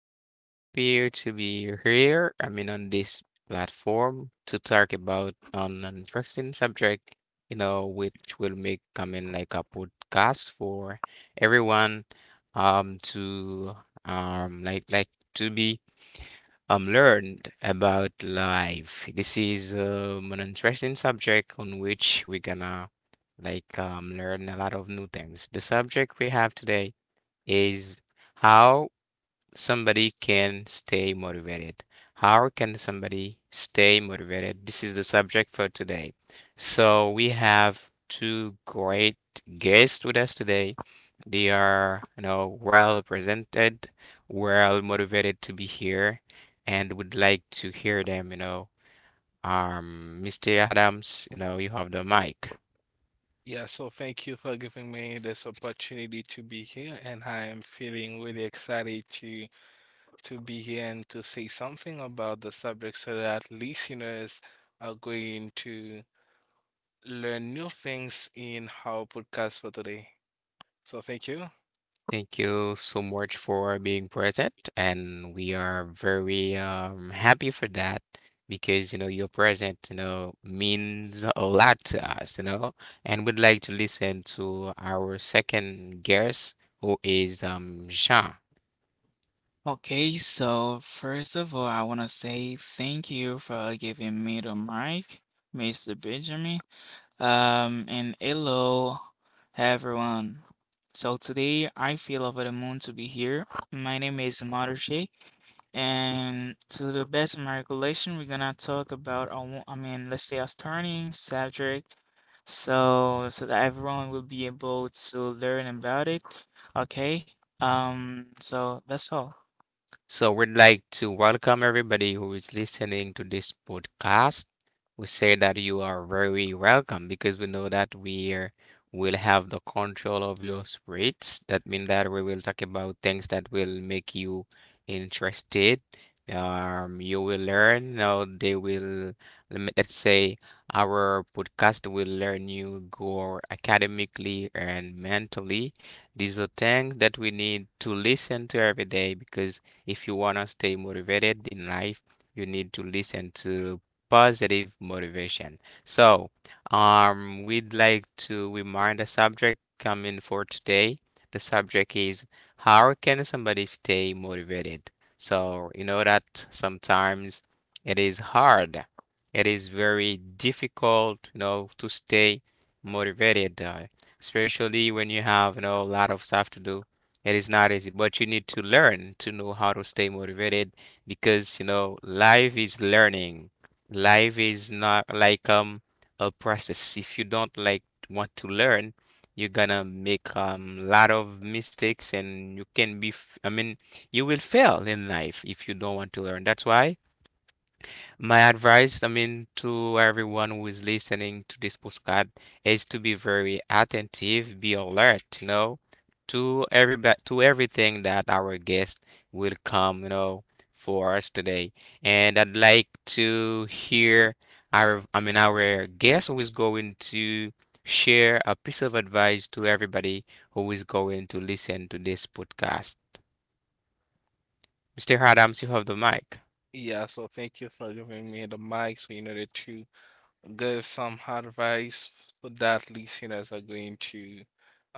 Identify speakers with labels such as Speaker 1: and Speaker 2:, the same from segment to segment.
Speaker 1: very happy to be here. On this platform to talk about an interesting subject, which will make coming like a podcast for everyone, to like to be learned about life. This is an interesting subject on which we're gonna learn a lot of new things. The subject we have today is. How somebody can stay motivated. How can somebody stay motivated? This is the subject for today. So we have two great guests with us today. They are, you know, well represented, well motivated to be here, and would like to hear them, you know. Mr. Adams, you know, you have the mic.
Speaker 2: Yeah, so thank you for giving me this opportunity to be here, and I am feeling really excited to be here and to say something about the subject so that listeners are going to learn new things in our podcast for today. So thank you.
Speaker 1: Thank you so much for being present, and we are very happy for that, because you know your present you know means a lot to us, you know, and we'd like to listen to our second guest, who is Jean.
Speaker 3: Okay, so first of all, I want to say thank you for giving me the mic, Mr. Benjamin. And hello, everyone. So today I feel over the moon to be here. My name is Mother Shake, and to the best of my recollection, we're gonna talk about a wo- I mean, let's say a starting subject, so that everyone will be able to learn about it. Okay, so that's all.
Speaker 1: So we'd like to welcome everybody who is listening to this podcast. We say that you are very welcome because we know that will have the control of your spirits. That means that we will talk about things that will make you interested. You will learn. Now they will, let's say, our podcast will learn you go academically and mentally. These are things that we need to listen to every day because if you want to stay motivated in life, you need to listen to positive motivation. So, we'd like to remind the subject coming for today. The subject is, how can somebody stay motivated? So, you know that sometimes it is hard. It is very difficult, you know, to stay motivated, especially when you have, you know, a lot of stuff to do. It is not easy, but you need to learn to know how to stay motivated because, you know, life is learning. Life is not like a process. If you don't like want to learn, you're gonna make lot of mistakes, and you can be f I mean, you will fail in life if you don't want to learn. That's why my advice, I mean, to everyone who is listening to this podcast is to be very attentive, be alert, you know, to every to everything that our guest will come, you know, for us today. And I'd like to hear our, I mean, our guest who is going to share a piece of advice to everybody who is going to listen to this podcast. Mr. Adams, you have the mic.
Speaker 2: Yeah, so thank you for giving me the mic so in order to give some advice so that listeners are going to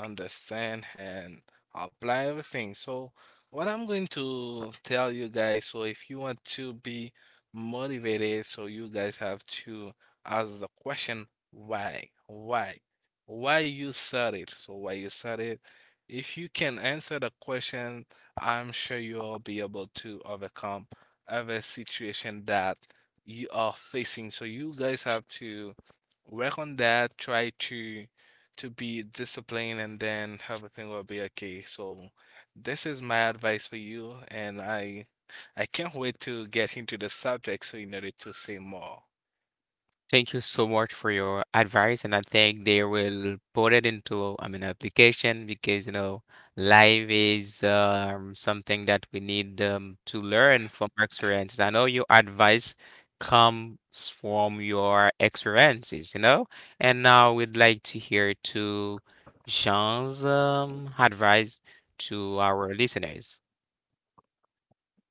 Speaker 2: understand and apply everything. So, what I'm going to tell you guys, so if you want to be motivated, so you guys have to ask the question, why? Why? Why you started? So, why you started? If you can answer the question, I'm sure you'll be able to overcome every situation that you are facing. So you guys have to work on that, try to be disciplined and then everything will be okay. So this is my advice for you and I can't wait to get into the subject so in order to say more.
Speaker 1: Thank you so much for your advice, and I think they will put it into, I mean, application, because you know, life is something that we need to learn from our experiences. I know your advice comes from your experiences, you know, and now we'd like to hear to Jean's advice to our listeners.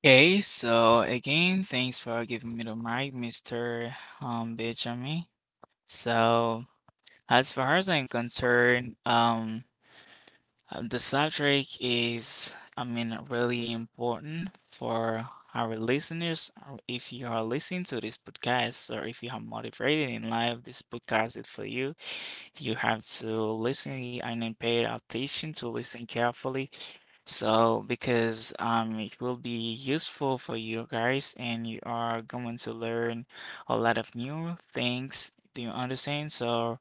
Speaker 3: Okay, so again, thanks for giving me the mic, Mr. Benjamin. So, as far as I'm concerned, the subject is, I mean, really important for our listeners. Or if you are listening to this podcast, or if you are motivated in life, this podcast is for you. You have to listen and then pay attention to listen carefully so, because it will be useful for you guys, and you are going to learn a lot of new things. Do you understand? So,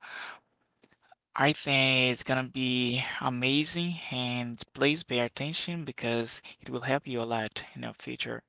Speaker 3: I think it's gonna be amazing, and please pay attention because it will help you a lot in the future.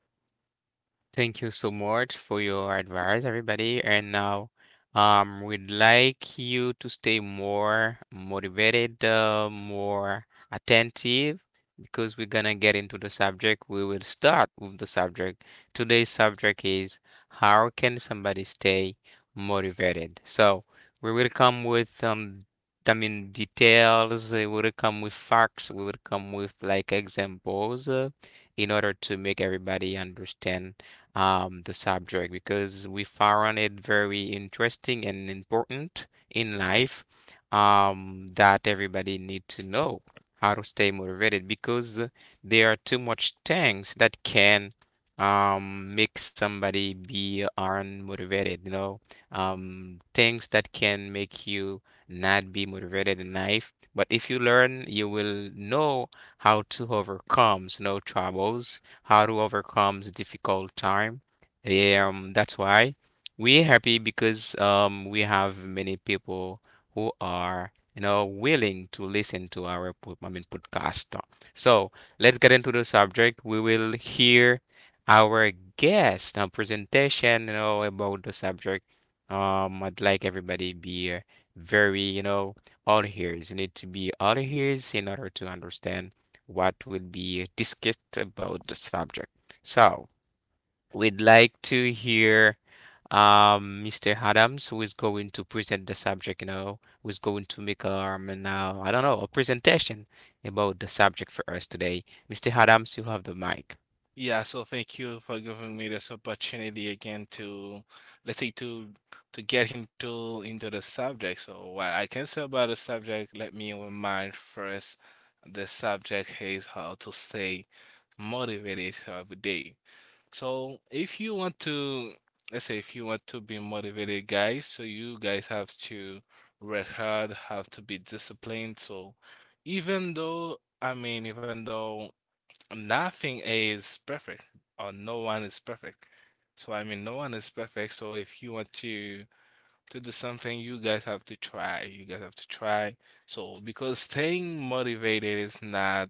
Speaker 1: Thank you so much for your advice, everybody. And now, we'd like you to stay more motivated, more attentive, because we're gonna get into the subject. We will start with the subject. Today's subject is, how can somebody stay motivated? So we will come with I mean, details. We will come with facts. We will come with like examples, in order to make everybody understand the subject, because we found it very interesting and important in life, that everybody need to know how to stay motivated because there are too much things that can make somebody be unmotivated, you know, things that can make you not be motivated in life. But if you learn, you will know how to overcome, you know, troubles, how to overcome the difficult time. That's why we're happy because we have many people who are, you know, willing to listen to our I mean, podcast. So let's get into the subject. We will hear our guest presentation, you know, about the subject. I'd like everybody be very, you know, all ears. You need to be all ears in order to understand what will be discussed about the subject. So, we'd like to hear Mr. Adams, who is going to present the subject, you know, who's going to make now, I don't know, a presentation about the subject for us today. Mr. Adams, you have the mic.
Speaker 2: Yeah, so thank you for giving me this opportunity again to, let's say, to get into the subject. So what I can say about the subject, let me remind first, the subject is how to stay motivated every day. So if you want to, let's say, if you want to be motivated, guys, so you guys have to work hard, have to be disciplined. So even though, Nothing is perfect, or no one is perfect. So I mean, no one is perfect. So if you want to do something, you guys have to try. You guys have to try. So because staying motivated is not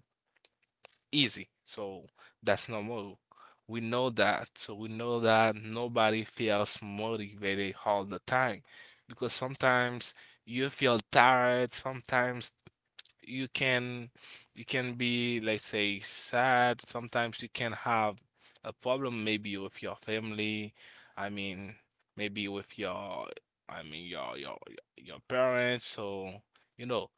Speaker 2: easy. So that's normal. We know that. So we know that nobody feels motivated all the time, because sometimes you feel tired. Sometimes you can you can be, let's say, sad. Sometimes you can have a problem maybe with your family, I mean maybe with your, I mean your your parents. So you know,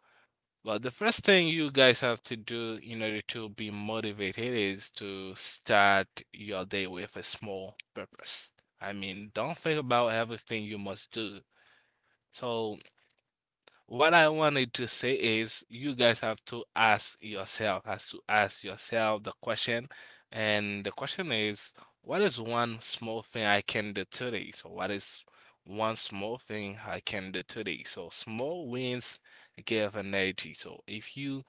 Speaker 2: but the first thing you guys have to do in order to be motivated is to start your day with a small purpose. I mean, don't think about everything you must do. So what I wanted to say is you guys have to ask yourself, has to ask yourself the question. And the question is, what is one small thing I can do today? So what is one small thing I can do today? So small wins give energy. So if you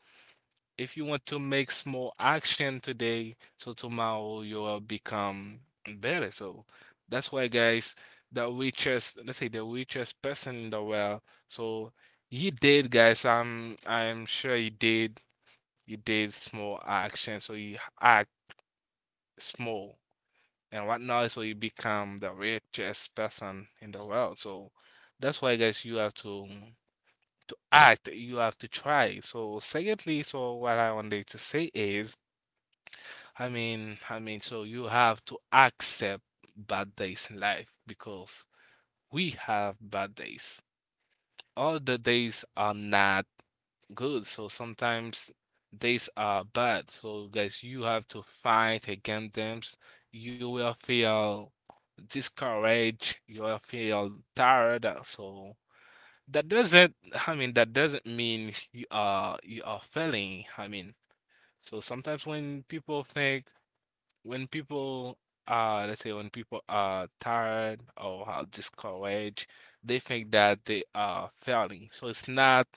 Speaker 2: if you want to make small action today, so tomorrow you'll become better. So that's why, guys, the richest, let's say the richest person in the world. So he did, guys. I'm sure he did. He did small action, so he act small and whatnot, so you become the richest person in the world. So that's why, guys, you have to act. You have to try. So secondly, so what I wanted to say is so you have to accept bad days in life because we have bad days. All the days are not good, so sometimes days are bad. So guys, you have to fight against them. You will feel discouraged, you will feel tired. So that doesn't, that doesn't mean you are failing. I mean, so sometimes when people, let's say, when people are tired or are discouraged, they think that they are failing. So it's not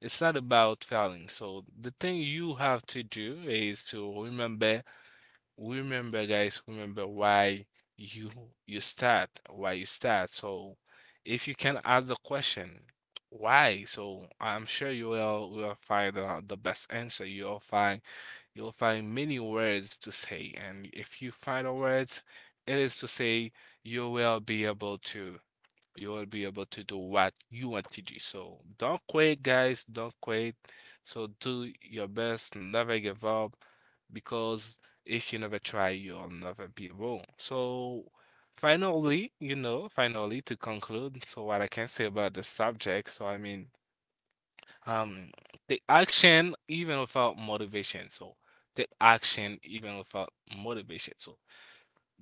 Speaker 2: it's not about failing. So the thing you have to do is to remember. Remember, guys, remember why you you start, why you start. So if you can ask the question why? So I'm sure you will find the best answer. You'll find many words to say, and if you find a words, it is to say you will be able to you will be able to do what you want to do. So don't quit, guys. Don't quit. So do your best. Never give up, because if you never try, you'll never be able. So finally, you know, finally to conclude. So what I can say about the subject. Um, Take action even without motivation. So take action even without motivation. So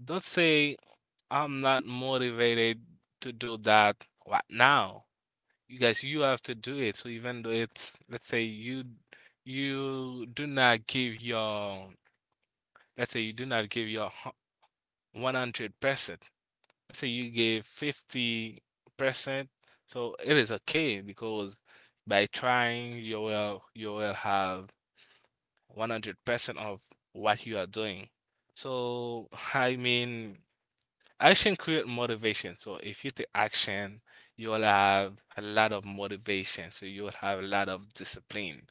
Speaker 2: don't say I'm not motivated to do that right now. You guys, you have to do it. So even though it's, let's say, you do not give your, let's say you do not give your 100%. Let's say you gave 50%. So it is okay because by trying you will have 100% of what you are doing. So, I mean, action create motivation. So, if you take action, you'll have a lot of motivation. So, you'll have a lot of discipline.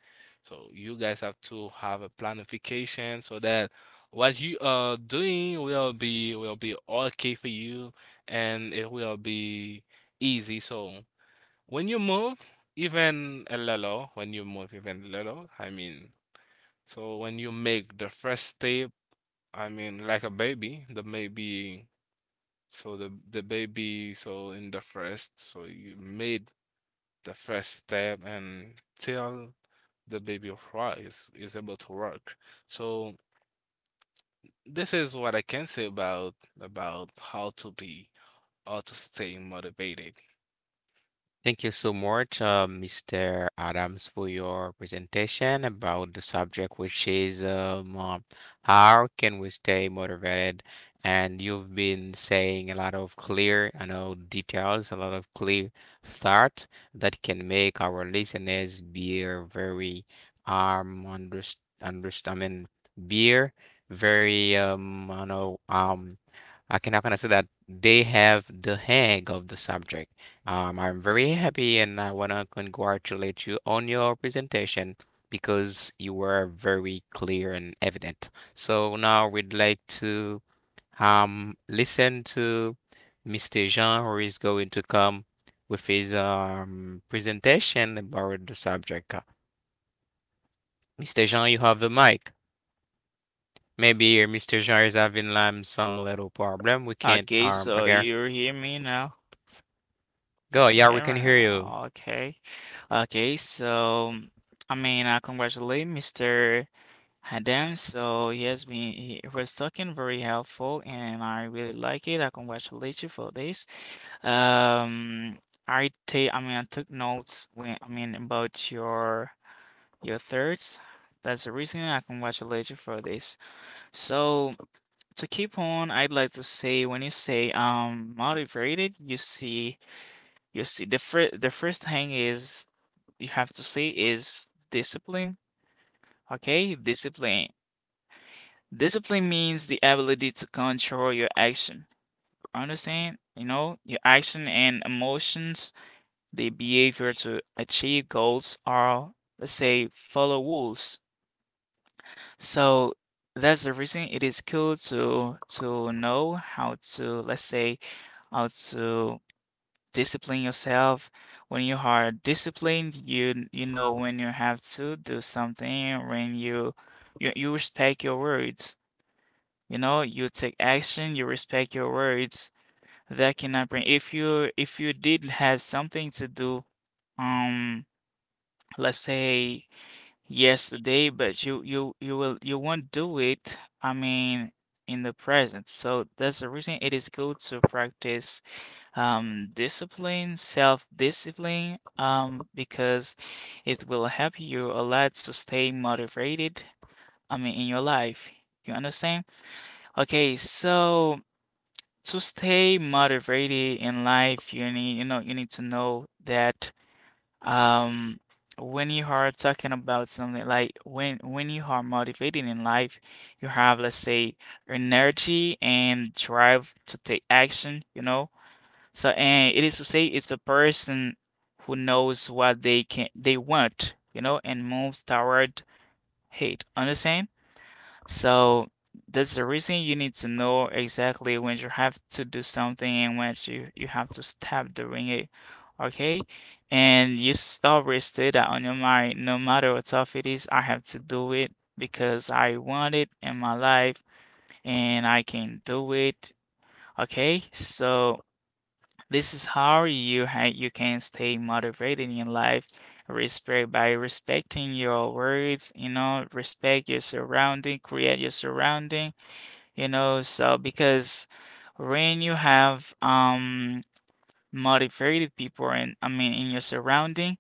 Speaker 2: So, you guys have to have a planification so that what you are doing will be okay for you and it will be easy. So, when you move, even a little, when you move even a little, I mean, so when you make the first step, I mean, like a baby, the baby, so the baby, so in the first, so you made the first step and till the baby rise is able to work. So this is what I can say about how to be or to stay motivated.
Speaker 1: Thank you so much, Mr. Adams, for your presentation about the subject, which is how can we stay motivated? And you've been saying a lot of clear, I know, details, a lot of clear thoughts that can make our listeners be a very um underst understand, I mean, be a very I know, I cannot how can say that they have the hang of the subject. I'm very happy and I want to congratulate you on your presentation because you were very clear and evident. So now we'd like to listen to Mr. Jean, who is going to come with his presentation about the subject. Mr. Jean, you have the mic. Maybe Mr. Jean is having some little problem. We can't
Speaker 3: Okay, so
Speaker 1: okay.
Speaker 3: you hear me now?
Speaker 1: Go,
Speaker 3: Can you
Speaker 1: yeah, we can hear
Speaker 3: hear me?
Speaker 1: you.
Speaker 3: Okay. Okay, so I mean, congratulate Mr. And then, so he was talking very helpful and I really like it. I congratulate you for this. Um, I took notes when, I mean, about your thirds. That's the reason I congratulate you for this. So to keep on, I'd like to say when you say, motivated, you see, the first thing is you have to say is discipline. Okay, discipline. Discipline means the ability to control your action. Understand? You know, your action and emotions, the behavior to achieve goals are, let's say, follow rules. So that's the reason it is cool to know how to, let's say, how to discipline yourself. When you are disciplined, you know when you have to do something, you respect your words. You know, you take action, you respect your words. That cannot bring if you did have something to do, um, let's say yesterday, but you won't do it, I mean, in the present. So that's the reason it is good to practice discipline, self-discipline, because it will help you a lot to stay motivated, I mean, in your life. You understand? Okay, so to stay motivated in life, you need, you know, you need to know that um when you are talking about something like when you are motivated in life, you have, let's say, energy and drive to take action, you know. So, and it is to say it's a person who knows what they can they want, you know, and moves toward hate. Understand? So that's the reason you need to know exactly when you have to do something and when you have to stop doing it. Okay? And always stay that on your mind, no matter how tough it is, I have to do it because I want it in my life and I can do it. Okay? So this is how you can stay motivated in life. Respect by respecting your words, you know, respect your surrounding, create your surrounding you know, so because when you have motivated people in I mean in your surrounding,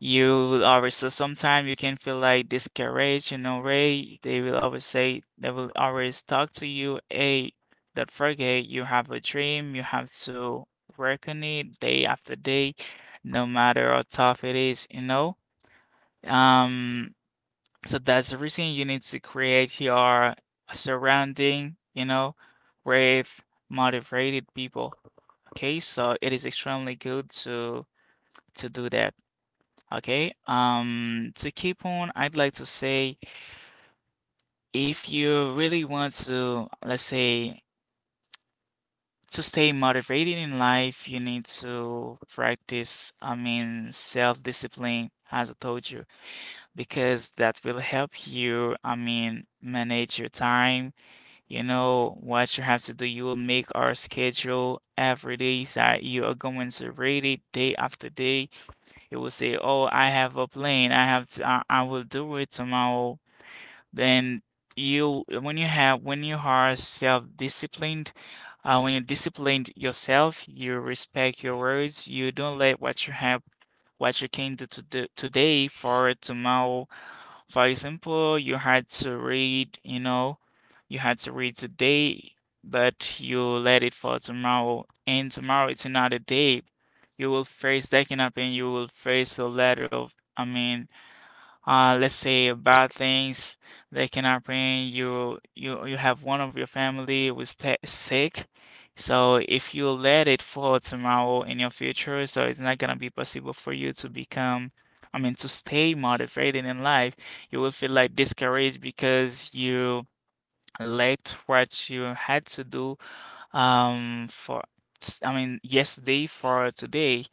Speaker 3: you will always so sometimes you can feel like discouraged, you know, Ray, they will always talk to you, hey, don't forget you have a dream, you have to work on it day after day, no matter how tough it is, you know. Um so that's the reason you need to create your surrounding, you know, with motivated people. Okay, so it is extremely good to do that. Okay, to keep on, I'd like to say if you really want to, let's say, to stay motivated in life, you need to practice, I mean, self-discipline, as I told you, because that will help you, I mean, manage your time. You know what you have to do, you will make our schedule every day that you are going to read it day after day. You will say, "Oh, I have a plan. I have to. I will do it tomorrow." Then when you have, when you are self-disciplined, when you disciplined yourself, you respect your words. You don't let what you have, what you can do to do today for tomorrow. For example, you had to read, you know, you had to read today, but you let it for tomorrow, and tomorrow it's another day. You will face that up and you will face a letter of, I mean, let's say bad things that can happen you have one of your family was ta sick. So if you let it fall tomorrow in your future, so it's not gonna be possible for you to become, I mean, to stay motivated in life. You will feel like discouraged because you let what you had to do for, I mean, yesterday for today.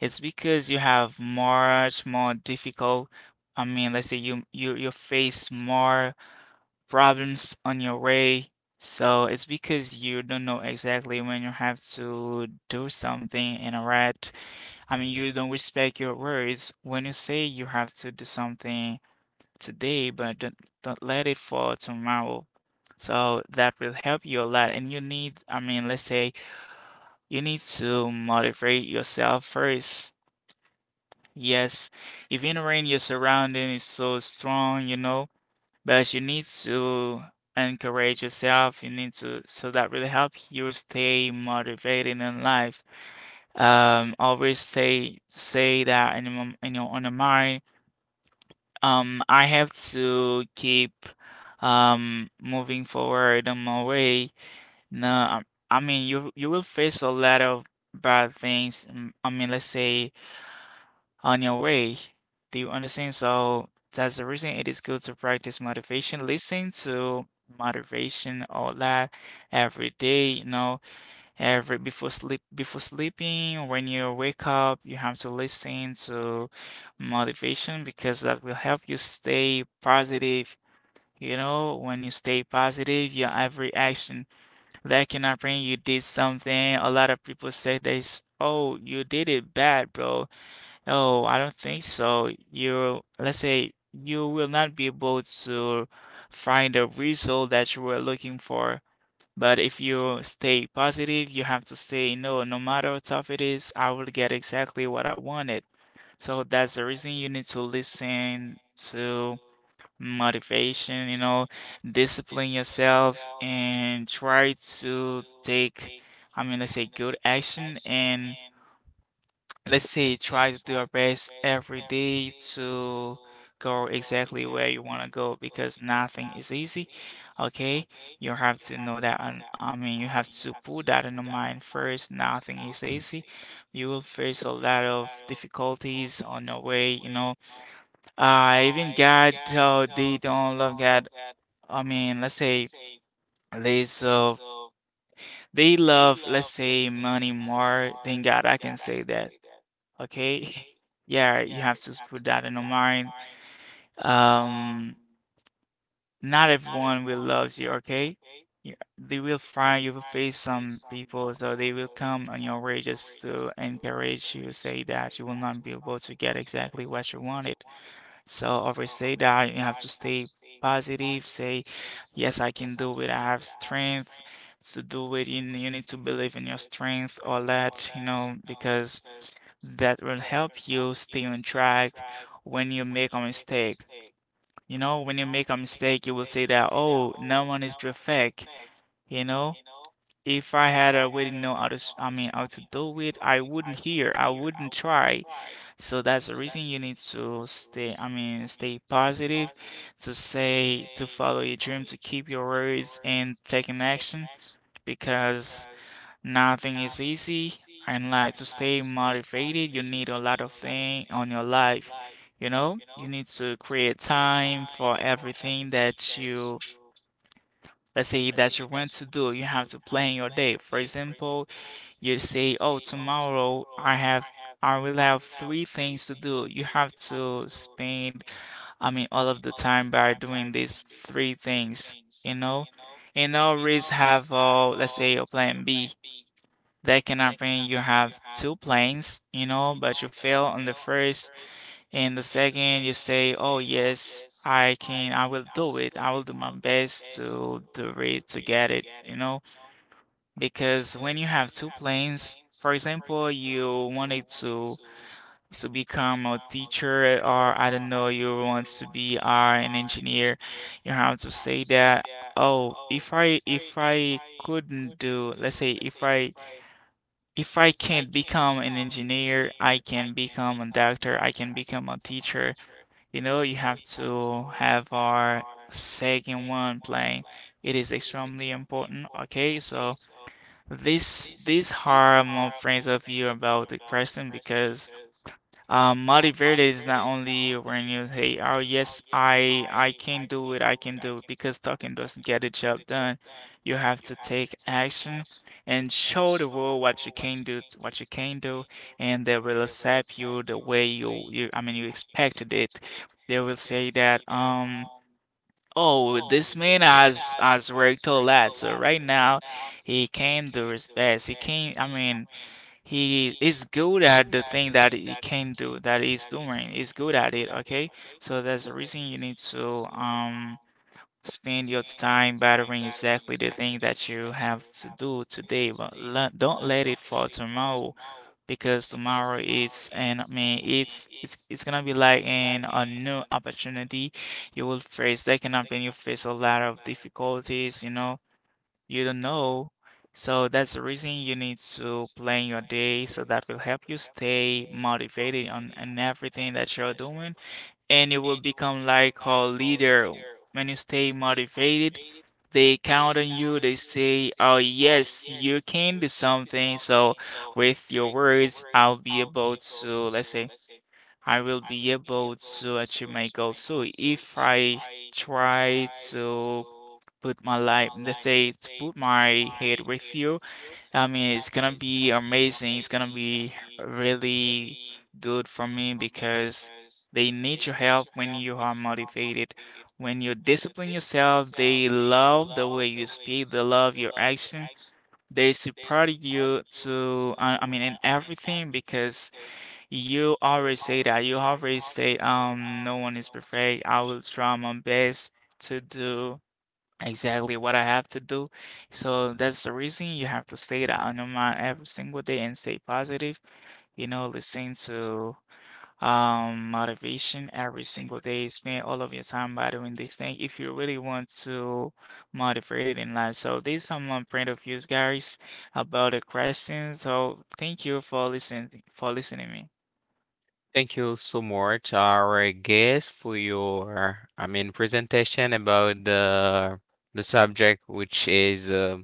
Speaker 3: It's because you have much more difficult. I mean, let's say you face more problems on your way. So it's because you don't know exactly when you have to do something in a right. I mean, you don't respect your words when you say you have to do something today, but don't let it for tomorrow. So that will help you a lot. And you need, I mean, let's say you need to motivate yourself first. Yes, even when your surrounding is so strong, you know, but you need to encourage yourself. You need to, so that will help you stay motivated in life. Always say say that in your in your on your mind. I have to keep moving forward on my way. No, I mean you will face a lot of bad things. I mean, let's say on your way. Do you understand? So that's the reason it is good to practice motivation. Listen to motivation all that every day, you know, every before sleeping, when you wake up, you have to listen to motivation because that will help you stay positive. You know, when you stay positive, your every action that can happen, you did something. A lot of people say this, oh, you did it bad, bro. Oh, I don't think so. Let's say you will not be able to find the result that you were looking for. But if you stay positive, you have to say, no, no matter how tough it is, I will get exactly what I wanted. So that's the reason you need to listen to motivation, you know, discipline yourself and try to take, I mean, let's say good action and let's say try to do our best every day to go exactly where you want to go because nothing is easy. Okay, you have to know that, and I mean, you have to put that in your mind first. Nothing is easy. You will face a lot of difficulties on your way, you know. Even God, they don't love God, I mean, let's say they so they love, let's say, money more than God, I can say that. Okay. Yeah, you have to put that in your mind. Um, Not everyone will love you, okay? Yeah, they will find you will face some people, so they will come on your way just to encourage you, say that you will not be able to get exactly what you wanted. So always say that you have to stay positive. Say, yes, I can do it. I have strength to do it. You need to believe in your strength, all that, you know, because that will help you stay on track when you make a mistake. You know, when you make a mistake, you will say that, oh, no one is perfect, you know? If I had already know how to, how to do it, I wouldn't hear, I wouldn't try. So that's the reason you need to stay, I mean, stay positive, to say, to follow your dream, to keep your words and take an action because nothing is easy. And like to stay motivated, you need a lot of thing on your life. You know, you need to create time for everything that you, let's say that you want to do. You have to plan your day. For example, you say, "Oh, tomorrow I will have three things to do." You have to spend, I mean, all of the time by doing these three things, you know? And always have, let's say, a plan B. That can happen. You have two plans, you know, but you fail on the first. And the second, you say, "Oh, yes, I will do it. I will do my best to do it, to get it," you know? Because when you have two planes, for example, you wanted to become a teacher or I don't know, you want to be an engineer, you have to say that, oh, if I couldn't do, let's say if I can't become an engineer, I can become a doctor, I can become a teacher. You know, you have to have our second one playing. It is extremely important, okay? So this harm my friends of you about the question because Motiverde is not only when you say, oh yes, I can do it, I can do it, because talking doesn't get the job done. You have to take action and show the world what you can do, and they will accept you the way you I mean you expected it. They will say that, oh, this man has worked a lot. So right now, he can do his best. He can. I mean, he is good at the thing that he can do. That he's doing. He's good at it. Okay. So there's a reason you need to spend your time battering exactly the thing that you have to do today. But don't let it for tomorrow because tomorrow is, and I mean it's gonna be like an a new opportunity you will face. That can happen. You face a lot of difficulties, you know, you don't know. So that's the reason you need to plan your day so that will help you stay motivated on and everything that you're doing, and you will become like a leader. When you stay motivated, they count on you. They say, "Oh yes, you can do something." So with your words, I'll be able to, let's say, I will be able to achieve my goals. So if I try to put my life, let's say, to put my head with you, I mean, it's gonna be amazing. It's gonna be really good for me because they need your help when you are motivated. When you discipline yourself, they love the way you speak, they love your action, they support you to, I mean, in everything because you always say that. You always say, no one is perfect. I will try my best to do exactly what I have to do. So that's the reason you have to stay that on your mind every single day and stay positive. You know, listen to motivation every single day. Spend all of your time by doing this thing if you really want to motivate it in life. So these are my point of views, guys, about the question. So thank you for listening to me.
Speaker 1: Thank you so much, our guest, for your, I mean, presentation about the subject, which is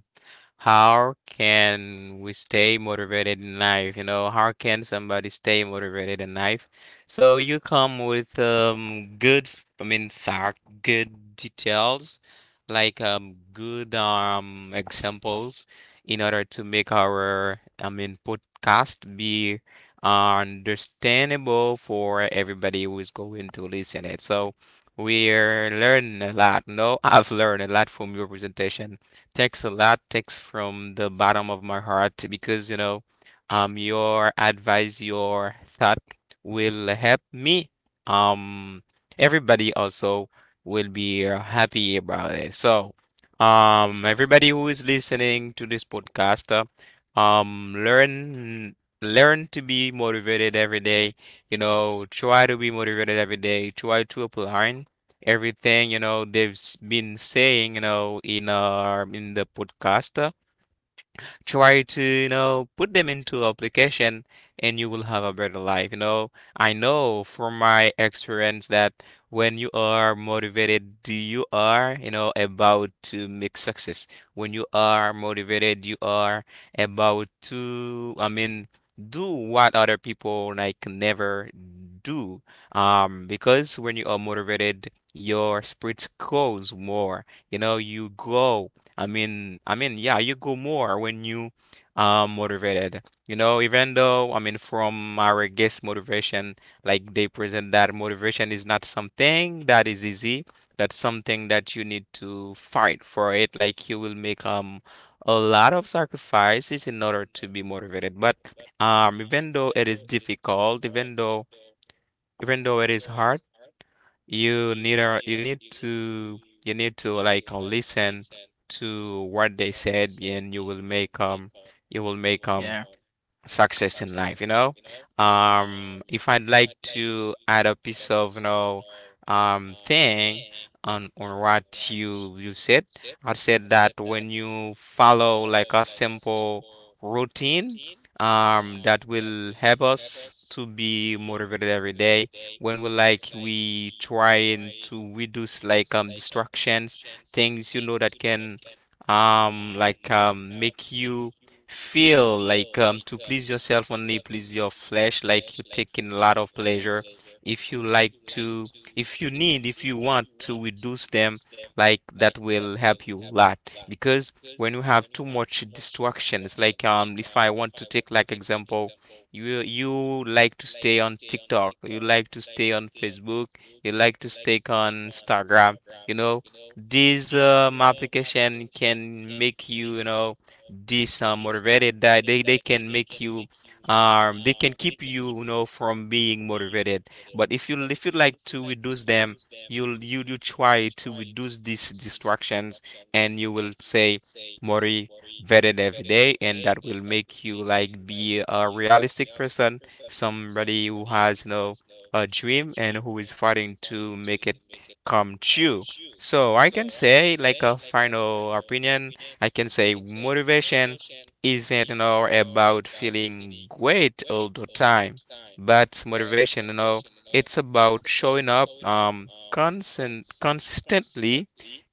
Speaker 1: how can we stay motivated in life? You know, how can somebody stay motivated in life? So you come with good, I mean, fact, good details, like good examples in order to make our, I mean, podcast be understandable for everybody who is going to listen it. So we're learning a lot. No, I've learned a lot from your presentation. Thanks a lot. Thanks from the bottom of my heart, because you know, your advice, your thought will help me. Um, Everybody also will be happy about it. So, everybody who is listening to this podcast, um, learn learn to be motivated every day. You know, try to be motivated every day. Try to apply everything, you know, they've been saying, you know, in our in the podcast. Try to, you know, put them into application, and you will have a better life, you know. I know from my experience that when you are motivated, you are, you know, about to make success. When you are motivated, you are about to, I mean, do what other people like never do, because when you are motivated, your spirits grows more, you know. You grow, yeah, you go more when you motivated. You know, even though, I mean, from our guest motivation, like they present that motivation is not something that is easy. That's something that you need to fight for it. Like you will make a lot of
Speaker 2: Something
Speaker 1: sacrifices in
Speaker 2: sacrifice
Speaker 1: order
Speaker 2: is
Speaker 1: to be
Speaker 2: another
Speaker 1: motivated.
Speaker 2: disagreement
Speaker 1: But
Speaker 2: on it, but
Speaker 1: even though it is difficult, even though it is hard, you need a, you need to like listen to what they said, and you will make you will make um
Speaker 3: Yeah.
Speaker 1: success in life, you know? If I'd like to add a piece of, you know, thing on what you said, I said that when you follow like a simple routine, that will help us to be motivated every day. When we trying to reduce like distractions, things, you know, that can make you feel like to please yourself, only please your flesh, like you taking a lot of pleasure. If you like to if you need if you want to reduce them, like that will help you a lot, because when you have too much distractions, like if I want to take like example, you like to stay on TikTok, you like to stay on Facebook, you like to stay on Instagram, you know, these application can make you, you know, this motivated, that they can make you they can keep you, you know, from being motivated. But if you like to reduce them, you try to reduce these distractions, and you will say motivated every day, and that will make you like be a realistic person, somebody who has, you know, a dream and who is fighting to make it come true. So I can say, like a final opinion, I can say motivation isn't, you know, about feeling great all the time, but motivation, you know, it's about showing up constant consistently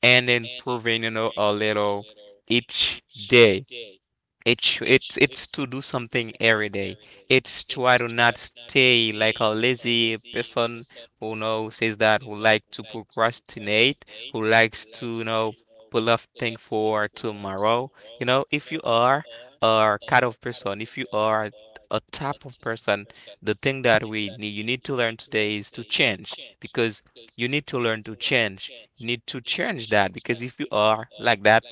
Speaker 1: and improving, you know, a little each day. It, sh- It's to do something every day. It's try to not stay like a lazy person who know says that who like to procrastinate, who likes to, you know, pull off thing for tomorrow. You know, if you are a kind of person, if you are a type of person, the thing that we need you need to learn today is to change because you need to learn to change. You need to change that because if you are like that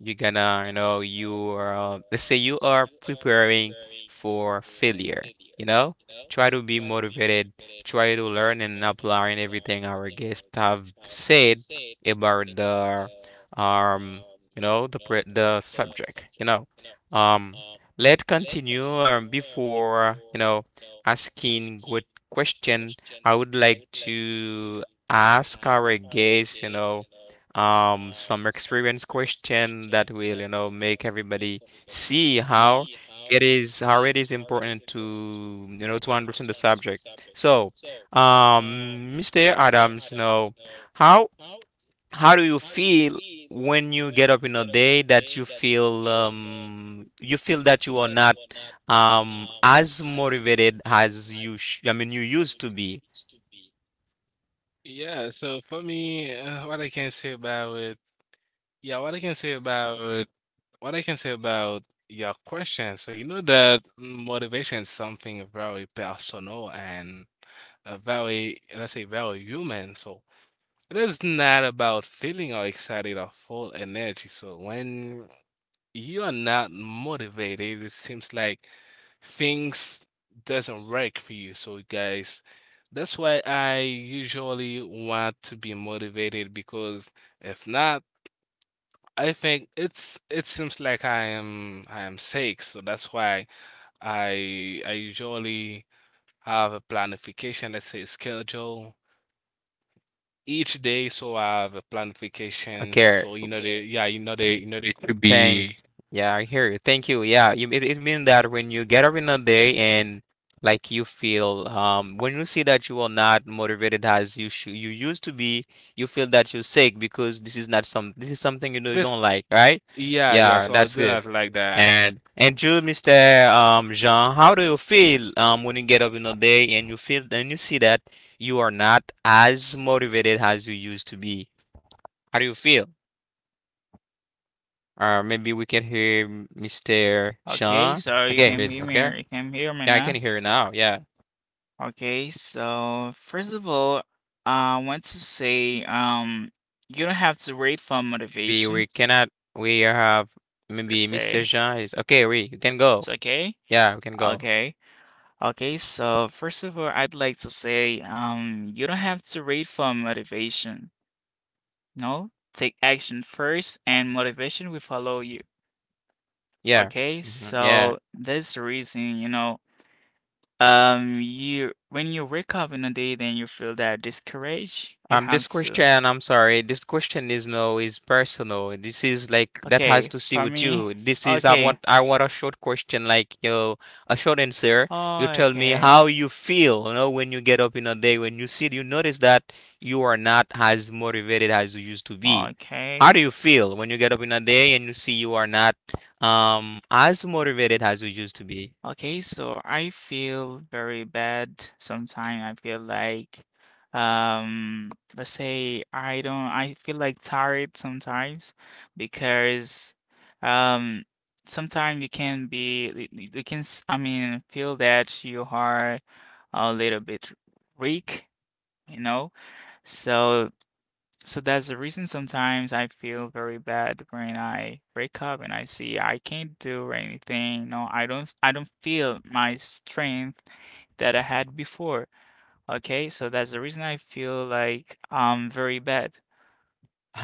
Speaker 1: you're gonna, you know, you are, let's say you are preparing for failure, you know? Try to be motivated, try to learn and apply and everything our guests have said about um, the subject, you know. Um, let continue before, asking good question. I would like to ask our guests, some experience question that will make everybody see how it is important to to understand the subject. So Mr. Adams, you know, how do you feel when you get up in a day that you feel that you are not as motivated as you sh- I mean you used to be?
Speaker 2: yeah, so for me, what I can say about it, yeah, what I can say about what I can say about your question. So you know that motivation is something very personal and, very, let's say, very human. So it is not about feeling or excited or full energy. So when you are not motivated. It seems like things doesn't work for you. So guys, that's why I usually want to be motivated because if not, I think it's, it seems like I am sick. So that's why I usually have a planification, let's say schedule each day. So I have a planification.
Speaker 1: Okay.
Speaker 2: So you know the, yeah, you know the, you know the to
Speaker 1: Thank,
Speaker 2: be
Speaker 1: yeah, I hear you. Thank you. It means that when you get up in a day and like you feel, when you see that you are not motivated as you should, you used to be, you feel that you're sick because this is something you know you don't
Speaker 2: this,
Speaker 1: like, right?
Speaker 2: yeah,
Speaker 1: Yeah,
Speaker 2: yeah. So
Speaker 1: that's
Speaker 2: I'll do
Speaker 1: good.
Speaker 2: that like that.
Speaker 1: And you, Mr. Jean, how do you feel when you get up in a day and you feel and you see that you are not as motivated as you used to be? How do you feel? Or maybe we can hear Mr.
Speaker 3: Okay,
Speaker 1: Sean.
Speaker 3: so
Speaker 1: Okay, here's okay.
Speaker 3: you can hear me
Speaker 1: Yeah, I can
Speaker 3: now.
Speaker 1: hear now. Yeah.
Speaker 3: Okay, so first of all, I want to say you don't have to wait for
Speaker 1: Maybe we
Speaker 3: motivation
Speaker 1: cannot we have
Speaker 3: per
Speaker 1: maybe Mr.
Speaker 3: se.
Speaker 1: Jean is okay, we you can
Speaker 3: It's
Speaker 1: go.
Speaker 3: okay.
Speaker 1: Yeah, we can go.
Speaker 3: Okay. Okay, so first of all, I'd like to say you don't have to wait for motivation. No, take action first and motivation will follow you.
Speaker 1: Yeah.
Speaker 3: Okay?
Speaker 1: Mhm, yeah.
Speaker 3: So that's the reason, you know, you when you wake up in a day then you feel that discouraged, you
Speaker 1: This
Speaker 3: have to
Speaker 1: question, I'm sorry, this question is no, is personal. This is like that has
Speaker 3: Okay,
Speaker 1: to see
Speaker 3: for
Speaker 1: with
Speaker 3: me,
Speaker 1: you. This is
Speaker 3: okay,
Speaker 1: I want a short question, like, you know, a short answer. You tell me
Speaker 3: okay,
Speaker 1: how you feel, you know, when you get up in a day, when you see, you notice that you are not as motivated as you used to be. How
Speaker 3: okay,
Speaker 1: do you feel when you get up in a day and you see you are not as motivated as you used to be?
Speaker 3: okay. So I feel very bad sometimes. I feel like, um, let's say I don't, I feel like tired sometimes because, um, sometimes you can be, you can, I mean, feel that you are a little bit weak, you know? So So that's the reason sometimes I feel very bad when I wake up and I see I can't do anything. No, I don't feel my strength that I had before. Okay, so that's the reason I feel like I'm very bad.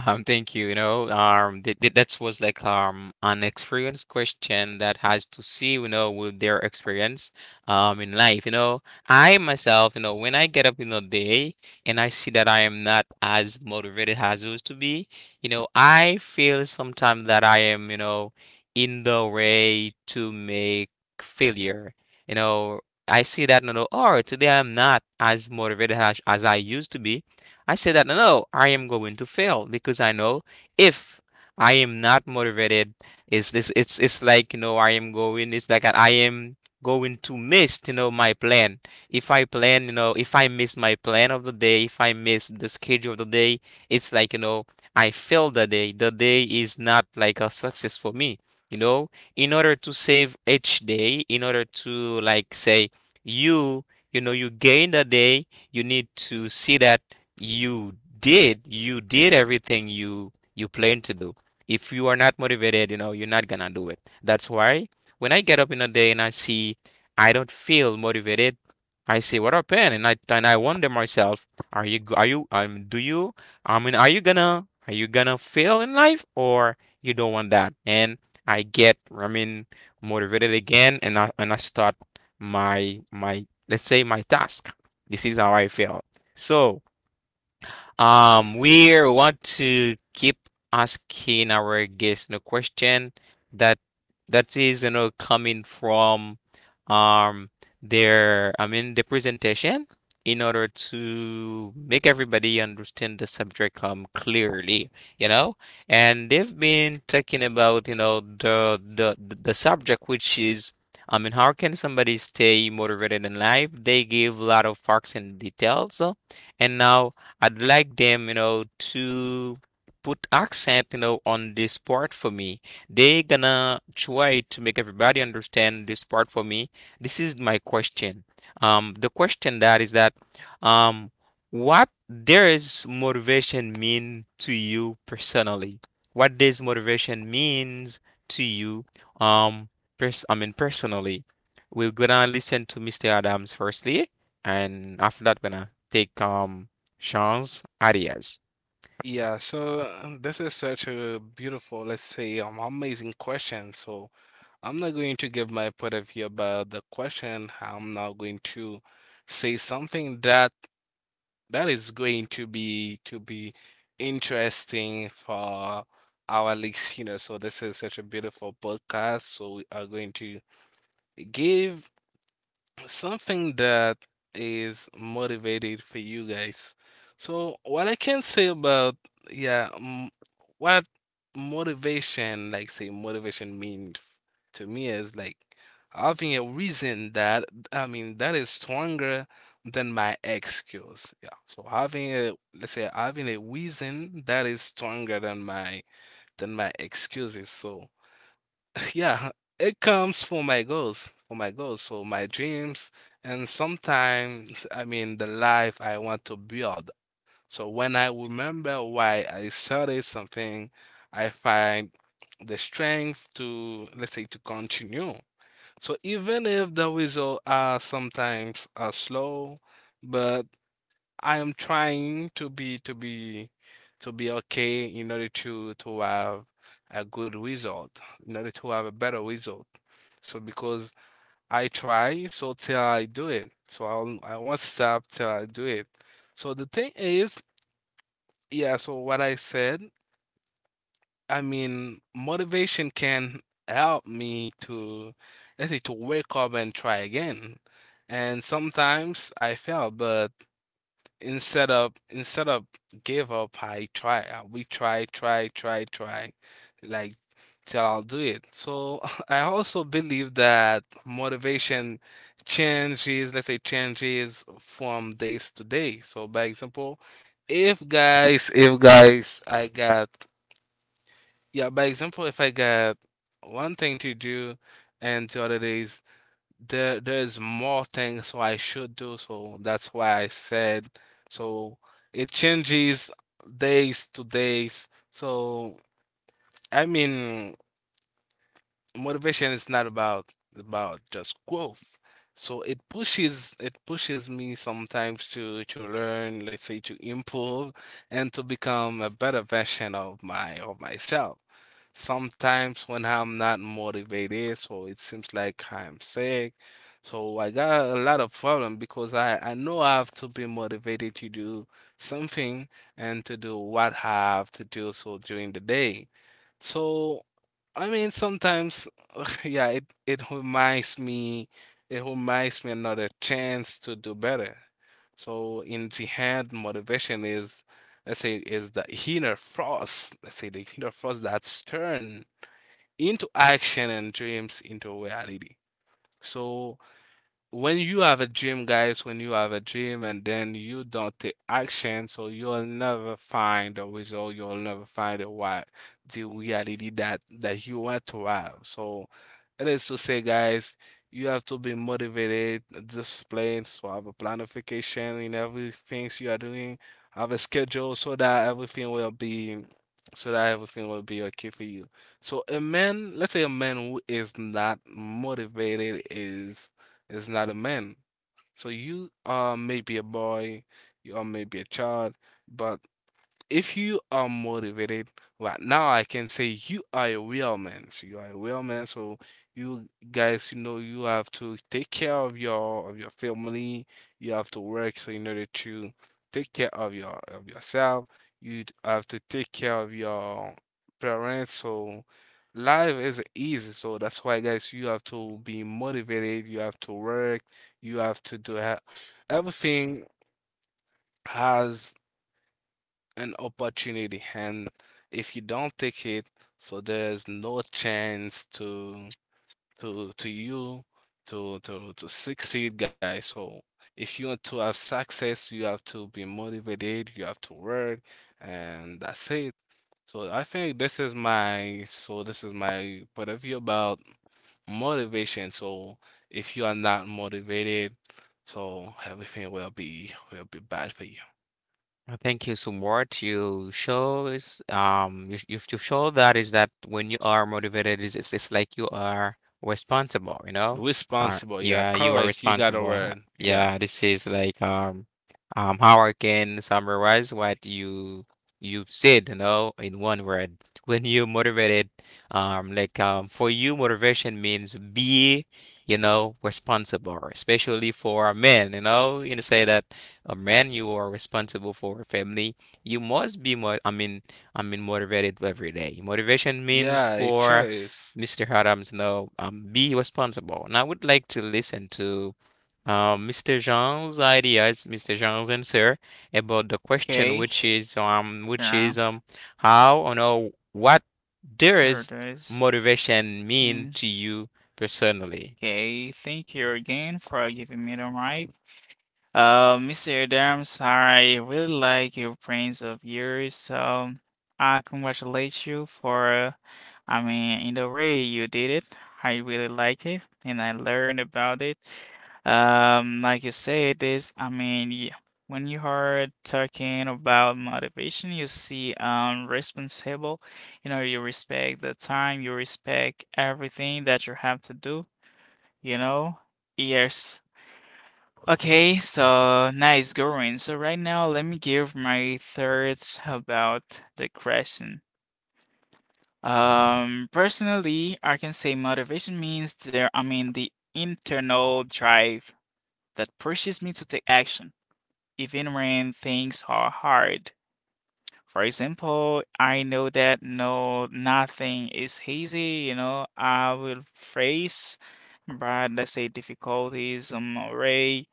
Speaker 1: Thank you. You know, th th that was like an experience question that has to see, you know, with their experience, in life. You know, I myself, you know, when I get up in the day and I see that I am not as motivated as I used to be, you know, I feel sometimes that I am, you know, in the way to make failure. You know, I see that, you know, oh, today I'm not as motivated as I used to be. I say that no, I am going to fail because I know if I am not motivated, is this it's like, you know, I am going, it's like I am going to miss, you know, my plan. If I plan, you know, if I miss my plan of the day, if I miss the schedule of the day, it's like, you know, I fail the day. The day is not like a success for me. You know, in order to save each day, in order to like say you you know you gain the day, you need to see that you did everything you planned to do. If you are not motivated, you know, you're not gonna do it. That's why when I get up in a day and I see I don't feel motivated, I say what happened, and I wonder myself, are you do you, I mean, are you gonna, fail in life or you don't want that, and I get, I mean, motivated again, and I start my, let's say, my task. This is how I feel. So, we want to keep asking our guests the question that is, you know, coming from um their, I mean, the presentation, in order to make everybody understand the subject clearly, you know. And they've been talking about, you know, the subject, which is, I mean, how can somebody stay motivated in life? They give a lot of facts and details, and now I'd like them, you know, to put accent, you know, on this part for me. They gonna try to make everybody understand this part for me. This is my question. The question that is that, um, what does motivation mean to you personally? What does motivation means to you, um, personally? We're gonna listen to Mr. Adams firstly, and after that, we're gonna take Jones Arias.
Speaker 2: Yeah. So this is such a beautiful, let's say, amazing question. So I'm not going to give my point of view about the question. I'm not going to say something that that is going to be interesting for our listeners. So this is such a beautiful podcast. So we are going to give something that is motivated for you guys. So what I can say about, yeah, m what motivation, like say motivation means to me is like having a reason that, I mean, that is stronger than my excuse. Yeah. So having a, let's say, having a reason that is stronger than my excuses. So yeah, it comes for my goals, so my dreams, and sometimes, I mean, the life I want to build. So when I remember why I started something, I find the strength to, let's say, to continue. So even if the results are sometimes are slow, but I am trying to be to be okay in order to have a good result, in order to have a better result. So because I try, so till I do it. So I won't stop till I do it. So the thing is, yeah, so what I said, I mean, motivation can help me to, let's say, to wake up and try again. And sometimes I fail, but instead of give up, I try. We try, try, try, try, like till I'll do it. So I also believe that motivation changes. Let's say changes from days to day. So by example, if guys, I got yeah. By example, if I got one thing to do, and the other days there's more things so I should do, so that's why I said so it changes days to days. So I mean motivation is not about just growth. So it pushes me sometimes to learn, let's say, to improve and to become a better version of my of myself. Sometimes when I'm not motivated, so it seems like I'm sick. So I got a lot of problem because I know I have to be motivated to do something and to do what I have to do so during the day. So I mean, sometimes, yeah, it reminds me another chance to do better. So in the hand, motivation is, let's say, is the inner force. Let's say the inner force that's turned into action and dreams into reality. So when you have a dream, guys, when you have a dream and then you don't take action, so you'll never find a result, you'll never find a what, the reality that you want to have. So it is to say, guys, you have to be motivated, disciplined, so have a planification in everything you are doing, have a schedule so that everything will be so that everything will be okay for you. So a man, let's say a man who is not motivated is not a man. So you are maybe a boy, you are maybe a child, but if you are motivated right now, I can say you are a real man. So you are a real man. So you guys, you know, you have to take care of your family. You have to work so in order to take care of yourself. You have to take care of your parents. So life is easy. So that's why, guys, you have to be motivated, you have to work, you have to do everything has an opportunity, and if you don't take it, so there's no chance to to you to succeed, guys. So if you want to have success, you have to be motivated, you have to work, and that's it. So I think this is my point of view about motivation. So if you are not motivated, so everything will be bad for you.
Speaker 1: Thank you. So what you show is you've shown that is that when you are motivated is it's like you are responsible, you know?
Speaker 2: Responsible,
Speaker 1: Yeah,
Speaker 2: yeah,
Speaker 1: you are
Speaker 2: correct. You got a
Speaker 1: responsible.
Speaker 2: word,
Speaker 1: Yeah,
Speaker 2: yeah,
Speaker 1: this is like how I can summarize what you've said, you know, in one word. When you motivated, like for you motivation means be, you know, responsible, especially for men, you know say that a man, you are responsible for a family, you must be motivated every day. Motivation means
Speaker 2: yeah, a
Speaker 1: for
Speaker 2: choice.
Speaker 1: Mr. Adams, no, be responsible. And I would like to listen to Mr. Jean's ideas, Mr. Jean's answer about the question,
Speaker 3: Okay,
Speaker 1: which
Speaker 3: yeah,
Speaker 1: is how or no what
Speaker 3: there it
Speaker 1: does
Speaker 3: is.
Speaker 1: motivation mean to
Speaker 3: Means-
Speaker 1: you personally?
Speaker 3: Okay, thank you again for giving me the mic. Mr. Adams, I really like your prints of yours, so I congratulate you for, I mean, in the way you did it. I really like it, and I learned about it. Like you said, this, I mean, when you are talking about motivation, you see, responsible, you know, you respect the time, you respect everything that you have to do, you know. Yes. Okay, so nice going. So right now, let me give my thoughts about the question. Personally, I can say motivation means there, I mean, the internal drive that pushes me to take action, even when things are hard. For example, I know that no, nothing is easy, you know, I will face, but let's say difficulties on my way.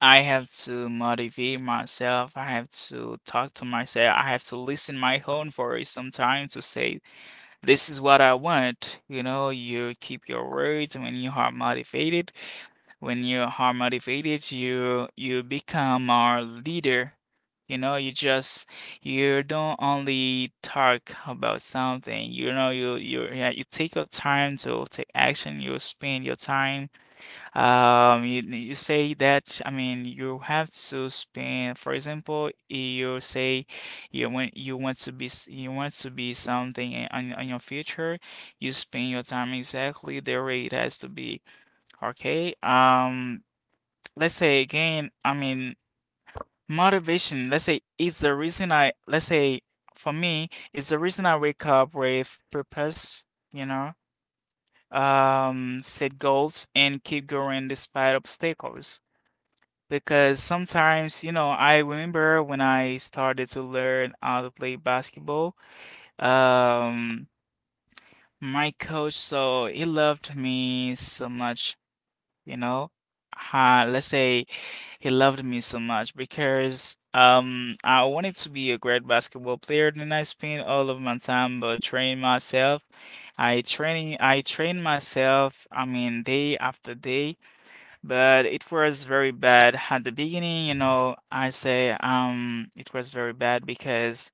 Speaker 3: I have to motivate myself. I have to talk to myself. I have to listen my own voice sometimes to say, this is what I want. You know, you keep your words when you are motivated. When you are motivated, you become our leader. You know, you just you don't only talk about something. You know, you yeah, you take your time to take action. You spend your time you, you say that, I mean, you have to spend, for example, you say you want to be you want to be something on your future, you spend your time exactly the way it has to be. Okay. Let's say again, I mean, motivation, let's say it's the reason I, let's say for me, it's the reason I wake up with purpose, you know, set goals and keep going despite obstacles because sometimes, you know, I remember when I started to learn how to play basketball, um, my coach, so he loved me so much, you know. Let's say he loved me so much because I wanted to be a great basketball player and I spent all of my time but train myself. I train myself, I mean day after day, but it was very bad at the beginning, you know. I say it was very bad because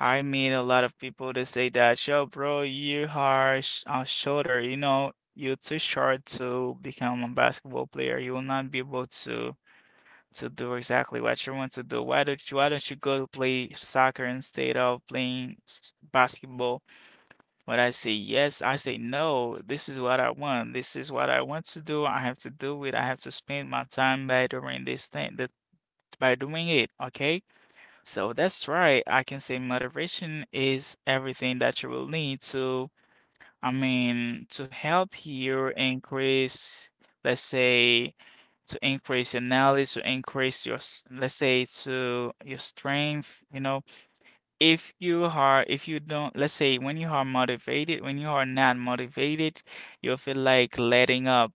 Speaker 3: I meet a lot of people that say that, yo, bro, you are sh shorter, you know, you're too short to become a basketball player. You will not be able to do exactly what you want to do. Why don't you go to play soccer instead of playing basketball? When I say yes, I say no. This is what I want. This is what I want to do. I have to do it. I have to spend my time by doing this thing that by doing it. Okay. So that's right. I can say motivation is everything that you will need to, I mean, to help you increase, let's say, to increase your knowledge, to increase your, let's say, to your strength, you know, if you are if you don't let's say when you are motivated, when you are not motivated, you'll feel like letting up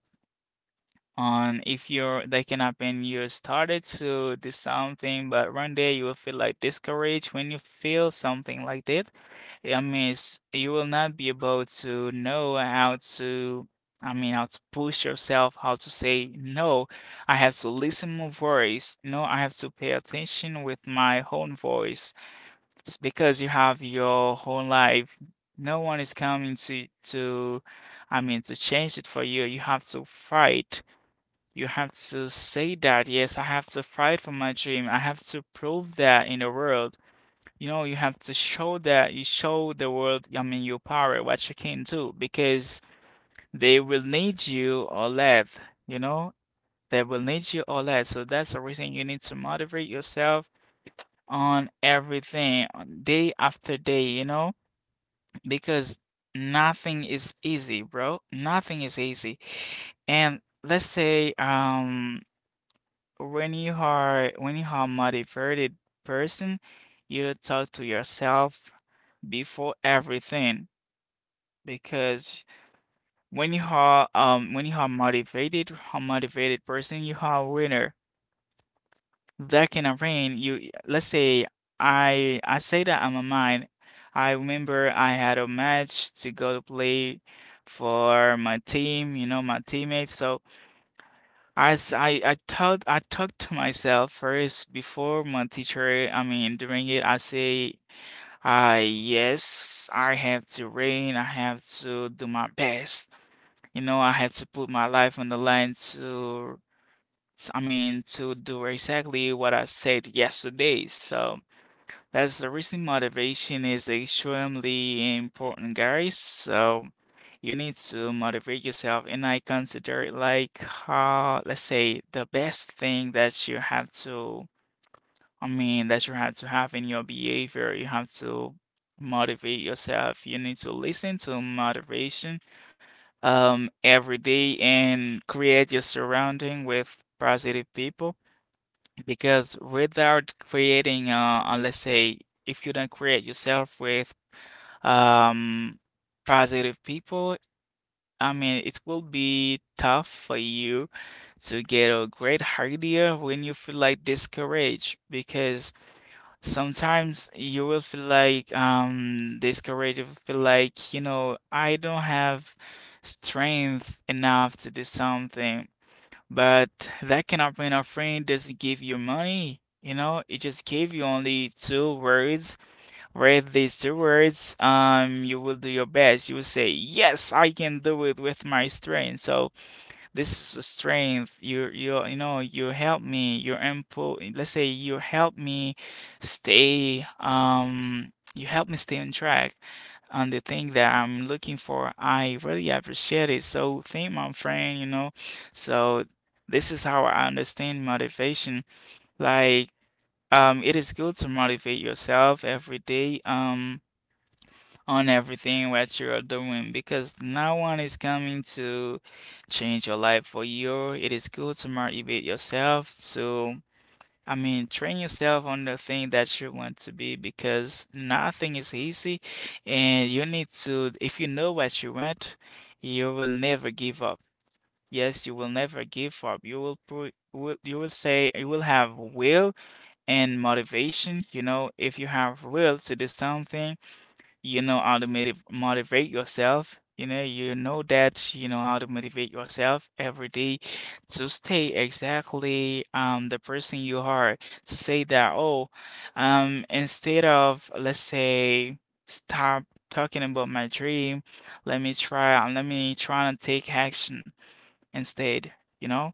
Speaker 3: on if you're that can happen. You started to do something but one day you will feel like discouraged. When you feel something like that, I mean, it's, you will not be able to know how to, I mean, how to push yourself, how to say, no, I have to listen my voice. No, I have to pay attention with my own voice. It's because you have your whole life. No one is coming to I mean to change it for you. You have to fight. You have to say that, yes, I have to fight for my dream. I have to prove that in the world. You know, you have to show that you show the world, I mean, your power, what you can do, because they will need you or less, you know? They will need you or less. So that's the reason you need to motivate yourself on everything on day after day, you know? Because nothing is easy, bro. Nothing is easy. And let's say when you are a motivated person, you talk to yourself before everything because when you are motivated, a motivated person, you are a winner. That can arrange you. Let's say I say that I'm a mine. I remember I had a match to go to play for my team, you know, my teammates. So I thought I talked to myself first before my teacher. I mean, during it, I say, yes, I have to rain. I have to do my best. You know, I have to put my life on the line to I mean, to do exactly what I said yesterday. So that's the reason motivation is extremely important, guys. So you need to motivate yourself, and I consider it like, let's say, the best thing that you have to, I mean, that you have to have in your behavior. You have to motivate yourself. You need to listen to motivation, every day, and create your surrounding with positive people. Because without creating, let's say, if you don't create yourself with um, positive people, I mean, it will be tough for you to get a great idea when you feel like discouraged. Because sometimes you will feel like discouraged, you will feel like, you know, I don't have strength enough to do something. But that kind of an friend. Doesn't give you money, you know, it just gave you only two words. Read these two words, you will do your best. You will say, "Yes, I can do it with my strength." So this is a strength. You know you help me. You input. Let's say you help me stay. You help me stay on track on the thing that I'm looking for. I really appreciate it. So thank my friend. You know, so this is how I understand motivation. Like it is good to motivate yourself every day. On everything what you are doing, because no one is coming to change your life for you. It is good to motivate yourself to, I mean, train yourself on the thing that you want to be, because nothing is easy, and you need to, if you know what you want, you will never give up. Yes, you will never give up. You will put, will, you will say, you will have will and motivation. You know, if you have will to do something, you know how to motivate yourself. You know that you know how to motivate yourself every day to stay exactly the person you are. To say that, oh, instead of, let's say, stop talking about my dream, let me try and take action instead, you know?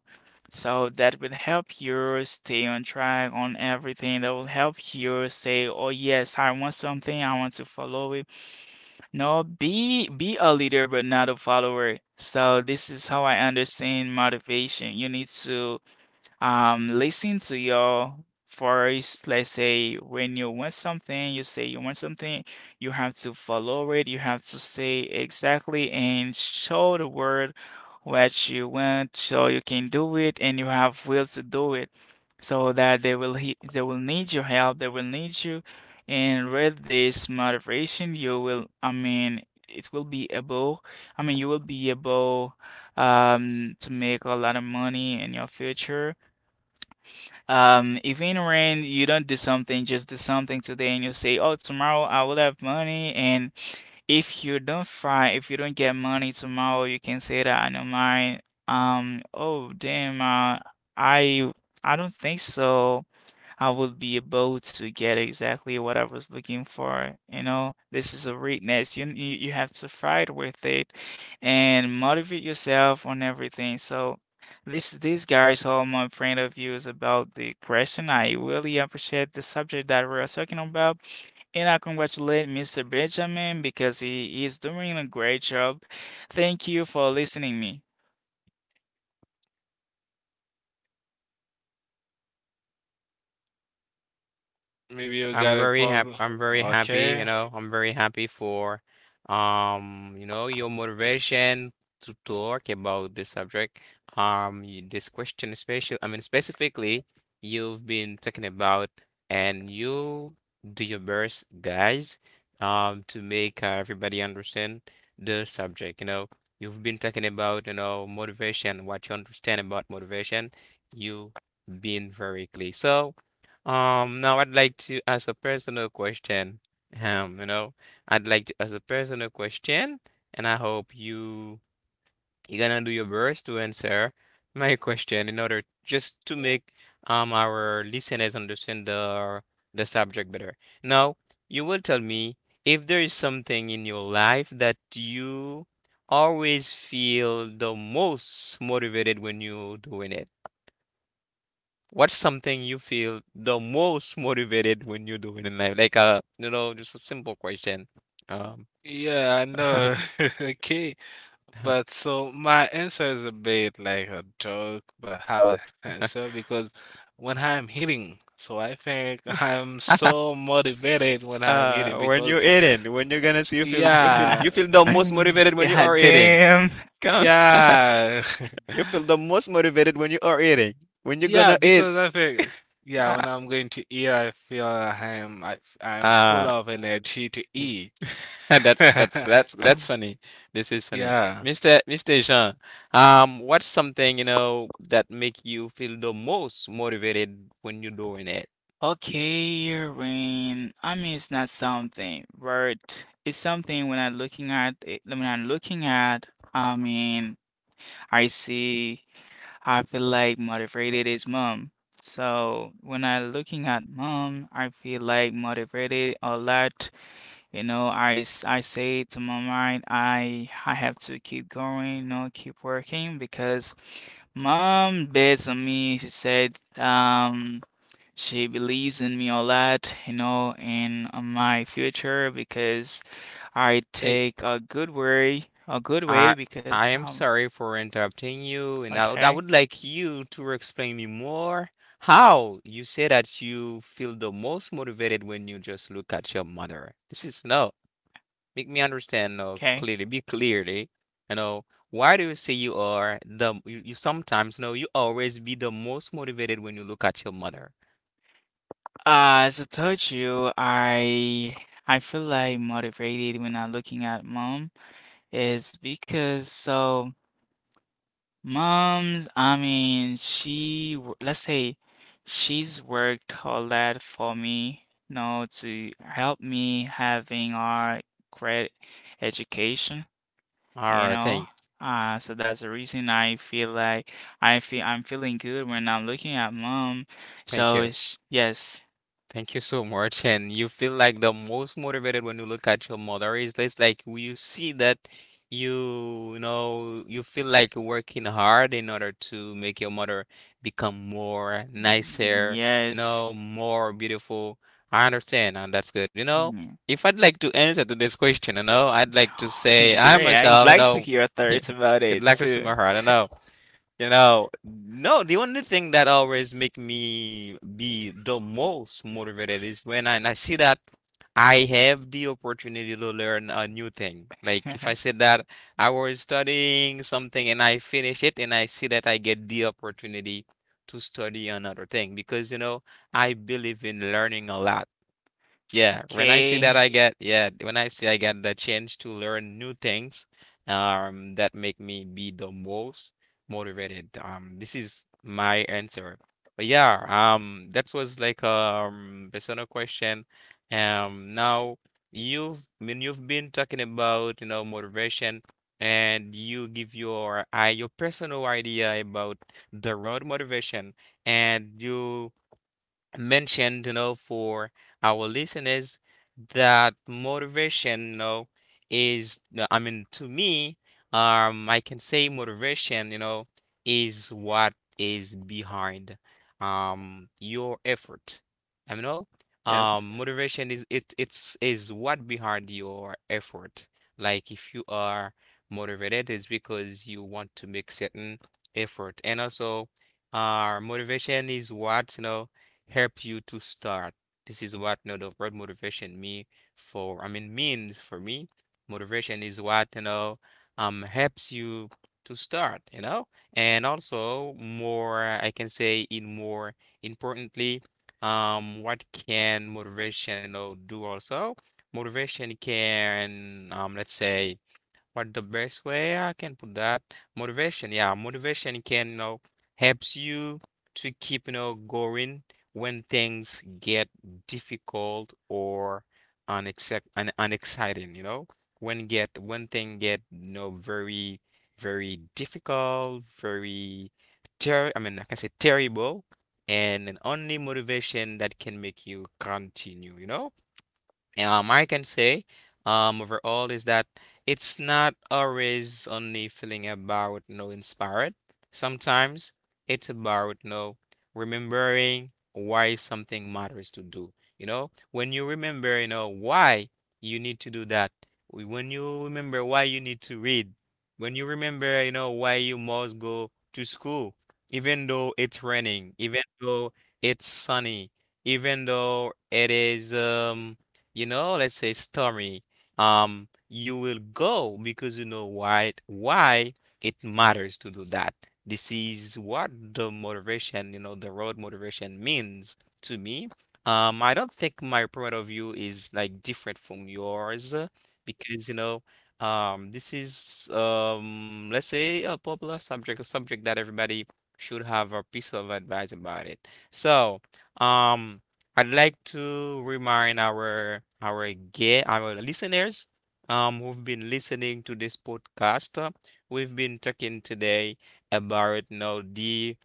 Speaker 3: So that will help you stay on track on everything. That will help you say, oh yes, I want something, I want to follow it. No, be a leader but not a follower. So this is how I understand motivation. You need to listen to your voice, let's say. When you want something, you say you want something, you have to follow it, you have to say exactly and show the world what you want, so you can do it and you have will to do it, so that they will need your help, they will need you. And with this motivation, you will, I mean, it will be able, I mean, you will be able to make a lot of money in your future. If in rain you don't do something, just do something today, and you say, "Oh, tomorrow I will have money." And if you don't find, if you don't get money tomorrow, you can say that I know mine. Oh damn, I I don't think so. I would be able to get exactly what I was looking for. You know, this is a weakness. You have to fight with it and motivate yourself on everything. So this guys, all my point of view is about the question. I really appreciate the subject that we are talking about. And I congratulate Mr. Benjamin because he is doing a great job. Thank you for listening me.
Speaker 2: Maybe you
Speaker 1: I'm
Speaker 2: got a
Speaker 1: very happy.
Speaker 2: problem.
Speaker 1: I'm very happy, you
Speaker 2: Okay,
Speaker 1: know. I'm very happy for, you know, your motivation to talk about this subject. This question, especially, I mean, specifically, you've been talking about, and you do your best, guys, to make, everybody understand the subject. You know, you've been talking about, you know, motivation, what you understand about motivation. You've been very clear. So. Now I'd like to ask a personal question. You know, I'd like to ask a personal question, and I hope you, you're gonna do your best to answer my question in order just to make our listeners understand the subject better. Now, you will tell me if there is something in your life that you always feel the most motivated when you're doing it. What's something you feel the most motivated when you're doing in life? Like, you know, just a simple question. Um,
Speaker 2: yeah, I know. Okay, but so my answer is a bit like a joke, but how it answer because when I'm eating, so I think I'm so motivated when I'm eating
Speaker 1: when
Speaker 2: because
Speaker 1: you're eating, when you're gonna see you feel,
Speaker 2: yeah,
Speaker 1: you feel the most motivated when you
Speaker 3: Yeah,
Speaker 1: are eating.
Speaker 3: damn.
Speaker 1: Come,
Speaker 2: yeah.
Speaker 1: you feel the most motivated when you are eating. When you're
Speaker 2: Yeah,
Speaker 1: gonna eat.
Speaker 2: because I feel, yeah, when I'm going to eat, I feel I am
Speaker 1: Ah.
Speaker 2: full of energy to
Speaker 1: Mm.
Speaker 2: eat.
Speaker 1: That's that's that's that's funny. This is funny.
Speaker 2: Yeah.
Speaker 1: Mr. Jean, what's something, you know, that make you feel the most motivated when you're doing it?
Speaker 3: Okay, rain. I mean, it's not something, but it's something when I'm looking at it, when I'm looking at, I mean, I see, I feel like motivated is mom. So when I'm looking at mom, I feel like motivated a lot. You know, I say to my mind, I have to keep going, you know, keep working, because mom bets on me. She said, she believes in me a lot, you know, and on my future because I
Speaker 1: Thank
Speaker 3: take a good way
Speaker 1: I
Speaker 3: because
Speaker 1: I am sorry for interrupting you, and I
Speaker 3: okay,
Speaker 1: would like you to explain me more how you say that you feel the most motivated when you just look at your mother. This is no, make me understand,
Speaker 3: okay.
Speaker 1: clearly, be clearly, you know, why do you say you sometimes know you always be the most motivated when you look at your mother?
Speaker 3: As I told you, I feel like motivated when I'm looking at mom is because so. Mom's, I mean, let's say she's worked her lot for me, you know, to help me having our great education,
Speaker 1: All
Speaker 3: you
Speaker 1: right,
Speaker 3: know. So that's the reason I feel like I feel I'm feeling good when I'm looking at mom.
Speaker 1: thank
Speaker 3: So
Speaker 1: you.
Speaker 3: it's, yes,
Speaker 1: Thank you so much. And you feel like the most motivated when you look at your mother. Is this like you see that you know, you feel like working hard in order to make your mother become more nicer, you
Speaker 3: yes.
Speaker 1: know, more beautiful. I understand, and that's good. You know,
Speaker 3: Mm.
Speaker 1: if I'd like to answer to this question, you know, I'd like to say I
Speaker 3: Great. I'd
Speaker 1: myself, you
Speaker 3: like to
Speaker 1: know,
Speaker 3: hear your thoughts about
Speaker 1: would
Speaker 3: it
Speaker 1: like to see
Speaker 3: too.
Speaker 1: my heart. You know. You know, no, the only thing that always make me be the most motivated is when I see that I have the opportunity to learn a new thing. Like if I said that I was studying something and I finish it and I see that I get the opportunity to study another thing because, you know, I believe in learning a lot. Yeah, when I see that,
Speaker 3: Okay.
Speaker 1: yeah, when I see I get the chance to learn new things, that make me be the most motivated. This is my answer. But yeah, that was like personal question. Now you've been talking about, you know, motivation and you give your personal idea about the road motivation and you mentioned, you know, for our listeners that motivation, you know, is, no, I mean, to me, I can say motivation, you know, is what is behind, your effort. I mean, no,
Speaker 3: Yes.
Speaker 1: motivation is it it's is what behind your effort. Like if you are motivated, it's because you want to make certain effort, and also, motivation is what, helps you to start. This is what the word motivation means for me. Motivation is what, helps you to start, you know? And also more, I can say in more importantly, what can motivation, do also? Motivation can, let's say, what the best way I can put that? Motivation can, helps you to keep, going when things get difficult or unexec un unexciting, you know? When thing get, you know, very, very difficult, very ter I mean, I can say terrible, and an only motivation that can make you continue, you know? I can say, overall is that it's not always only feeling about no inspired. Sometimes it's about no remembering why something matters to do. You know, when you remember, why you need to do that. When you remember why you need to read. When you remember, why you must go to school, even though it's raining, even though it's sunny, even though it is let's say stormy, you will go because you know why it matters to do that. This is what the motivation, the road motivation means to me. I don't think my point of view is like different from yours because this is let's say a popular subject, a subject that everybody should have a piece of advice about it. So, um. I'd like to remind our listeners who've been listening to this podcast. We've been talking today about, the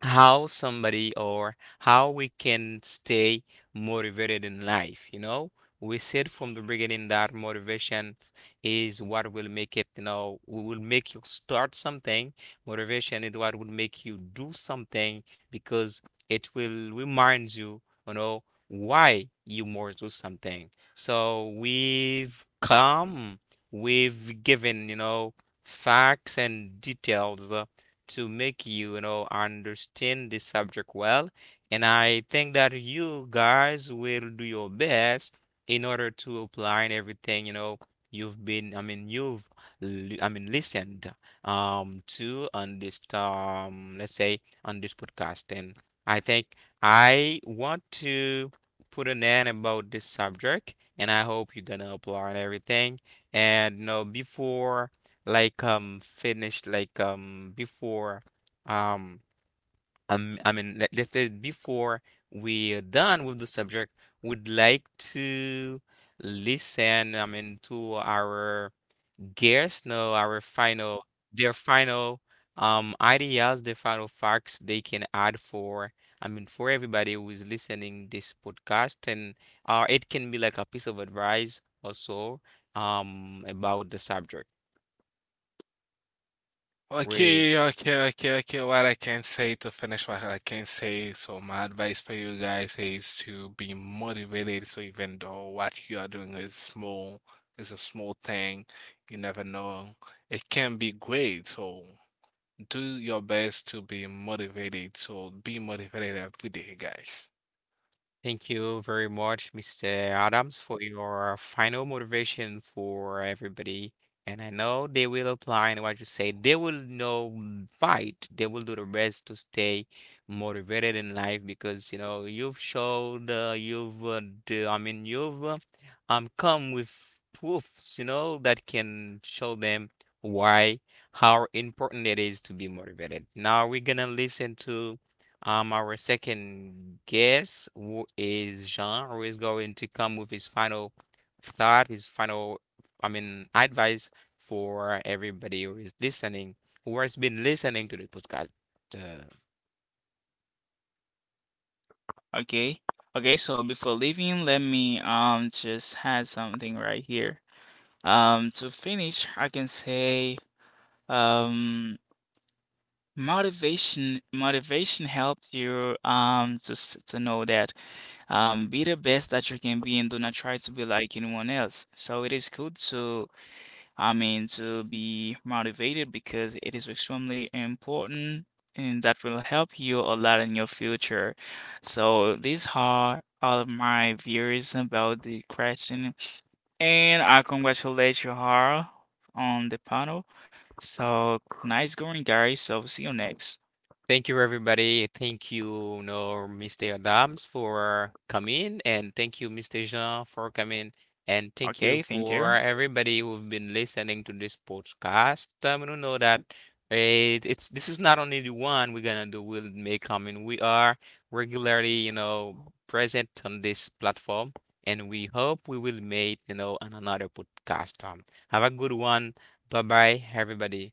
Speaker 1: how somebody or how we can stay motivated in life, you know. We said from the beginning that motivation is what will make it, will make you start something. Motivation is what will make you do something because it will remind you, you know why you must do something. So we've given, facts and details to make you, you know, understand the subject well. And I think that you guys will do your best in order to apply and everything, you know, you've, listened to on this let's say on this podcast. And I think I want to put an end about this subject, and I hope you're gonna apply and everything. And you know, before like finished like before um I mean let, let's say before we're done with the subject, would like to listen, to our guests know our final, their final ideas, their final facts they can add for, for everybody who is listening this podcast. And it can be like a piece of advice also about the subject.
Speaker 2: Okay,
Speaker 1: We
Speaker 2: okay, okay, okay. What I can say to finish what I can say, so my advice for you guys is to be motivated. So even though what you are doing is small, is a small thing, you never know. It can be great. So do your best to be motivated. So be motivated every day, guys.
Speaker 1: Thank you very much, Mr. Adams, for your final motivation for everybody. And I know they will apply in what you say. They will know, mm, fight. They will do the best to stay motivated in life because you know you've showed, you've, you've, come with proofs, you know, that can show them why how important it is to be motivated. Now we're gonna listen to. Our second guest is Jean, who is going to come with his final thought, his final, advice for everybody who is listening, who has been listening to the podcast. Uh,
Speaker 3: Okay. Okay, so before leaving, let me just add something right here. To finish, I can say um motivation, motivation helps you to to know that be the best that you can be, and do not try to be like anyone else. So it is good to, I mean, to be motivated because it is extremely important, and that will help you a lot in your future. So these are all of my views about the question, and I congratulate you all on the panel. So nice going, guys. So see you next.
Speaker 1: Thank you, everybody. Thank you, no, Mr. Adams for coming, and thank you, Mr. Jean for coming, and thank you
Speaker 3: Okay, thank
Speaker 1: for
Speaker 3: you.
Speaker 1: everybody who've been listening to this podcast. You know that it, it's this is not only the one we're gonna do. We'll make. I mean, we are regularly, you know, present on this platform, and we hope we will make, you know, an another podcast. Have a good one. Bye bye, everybody.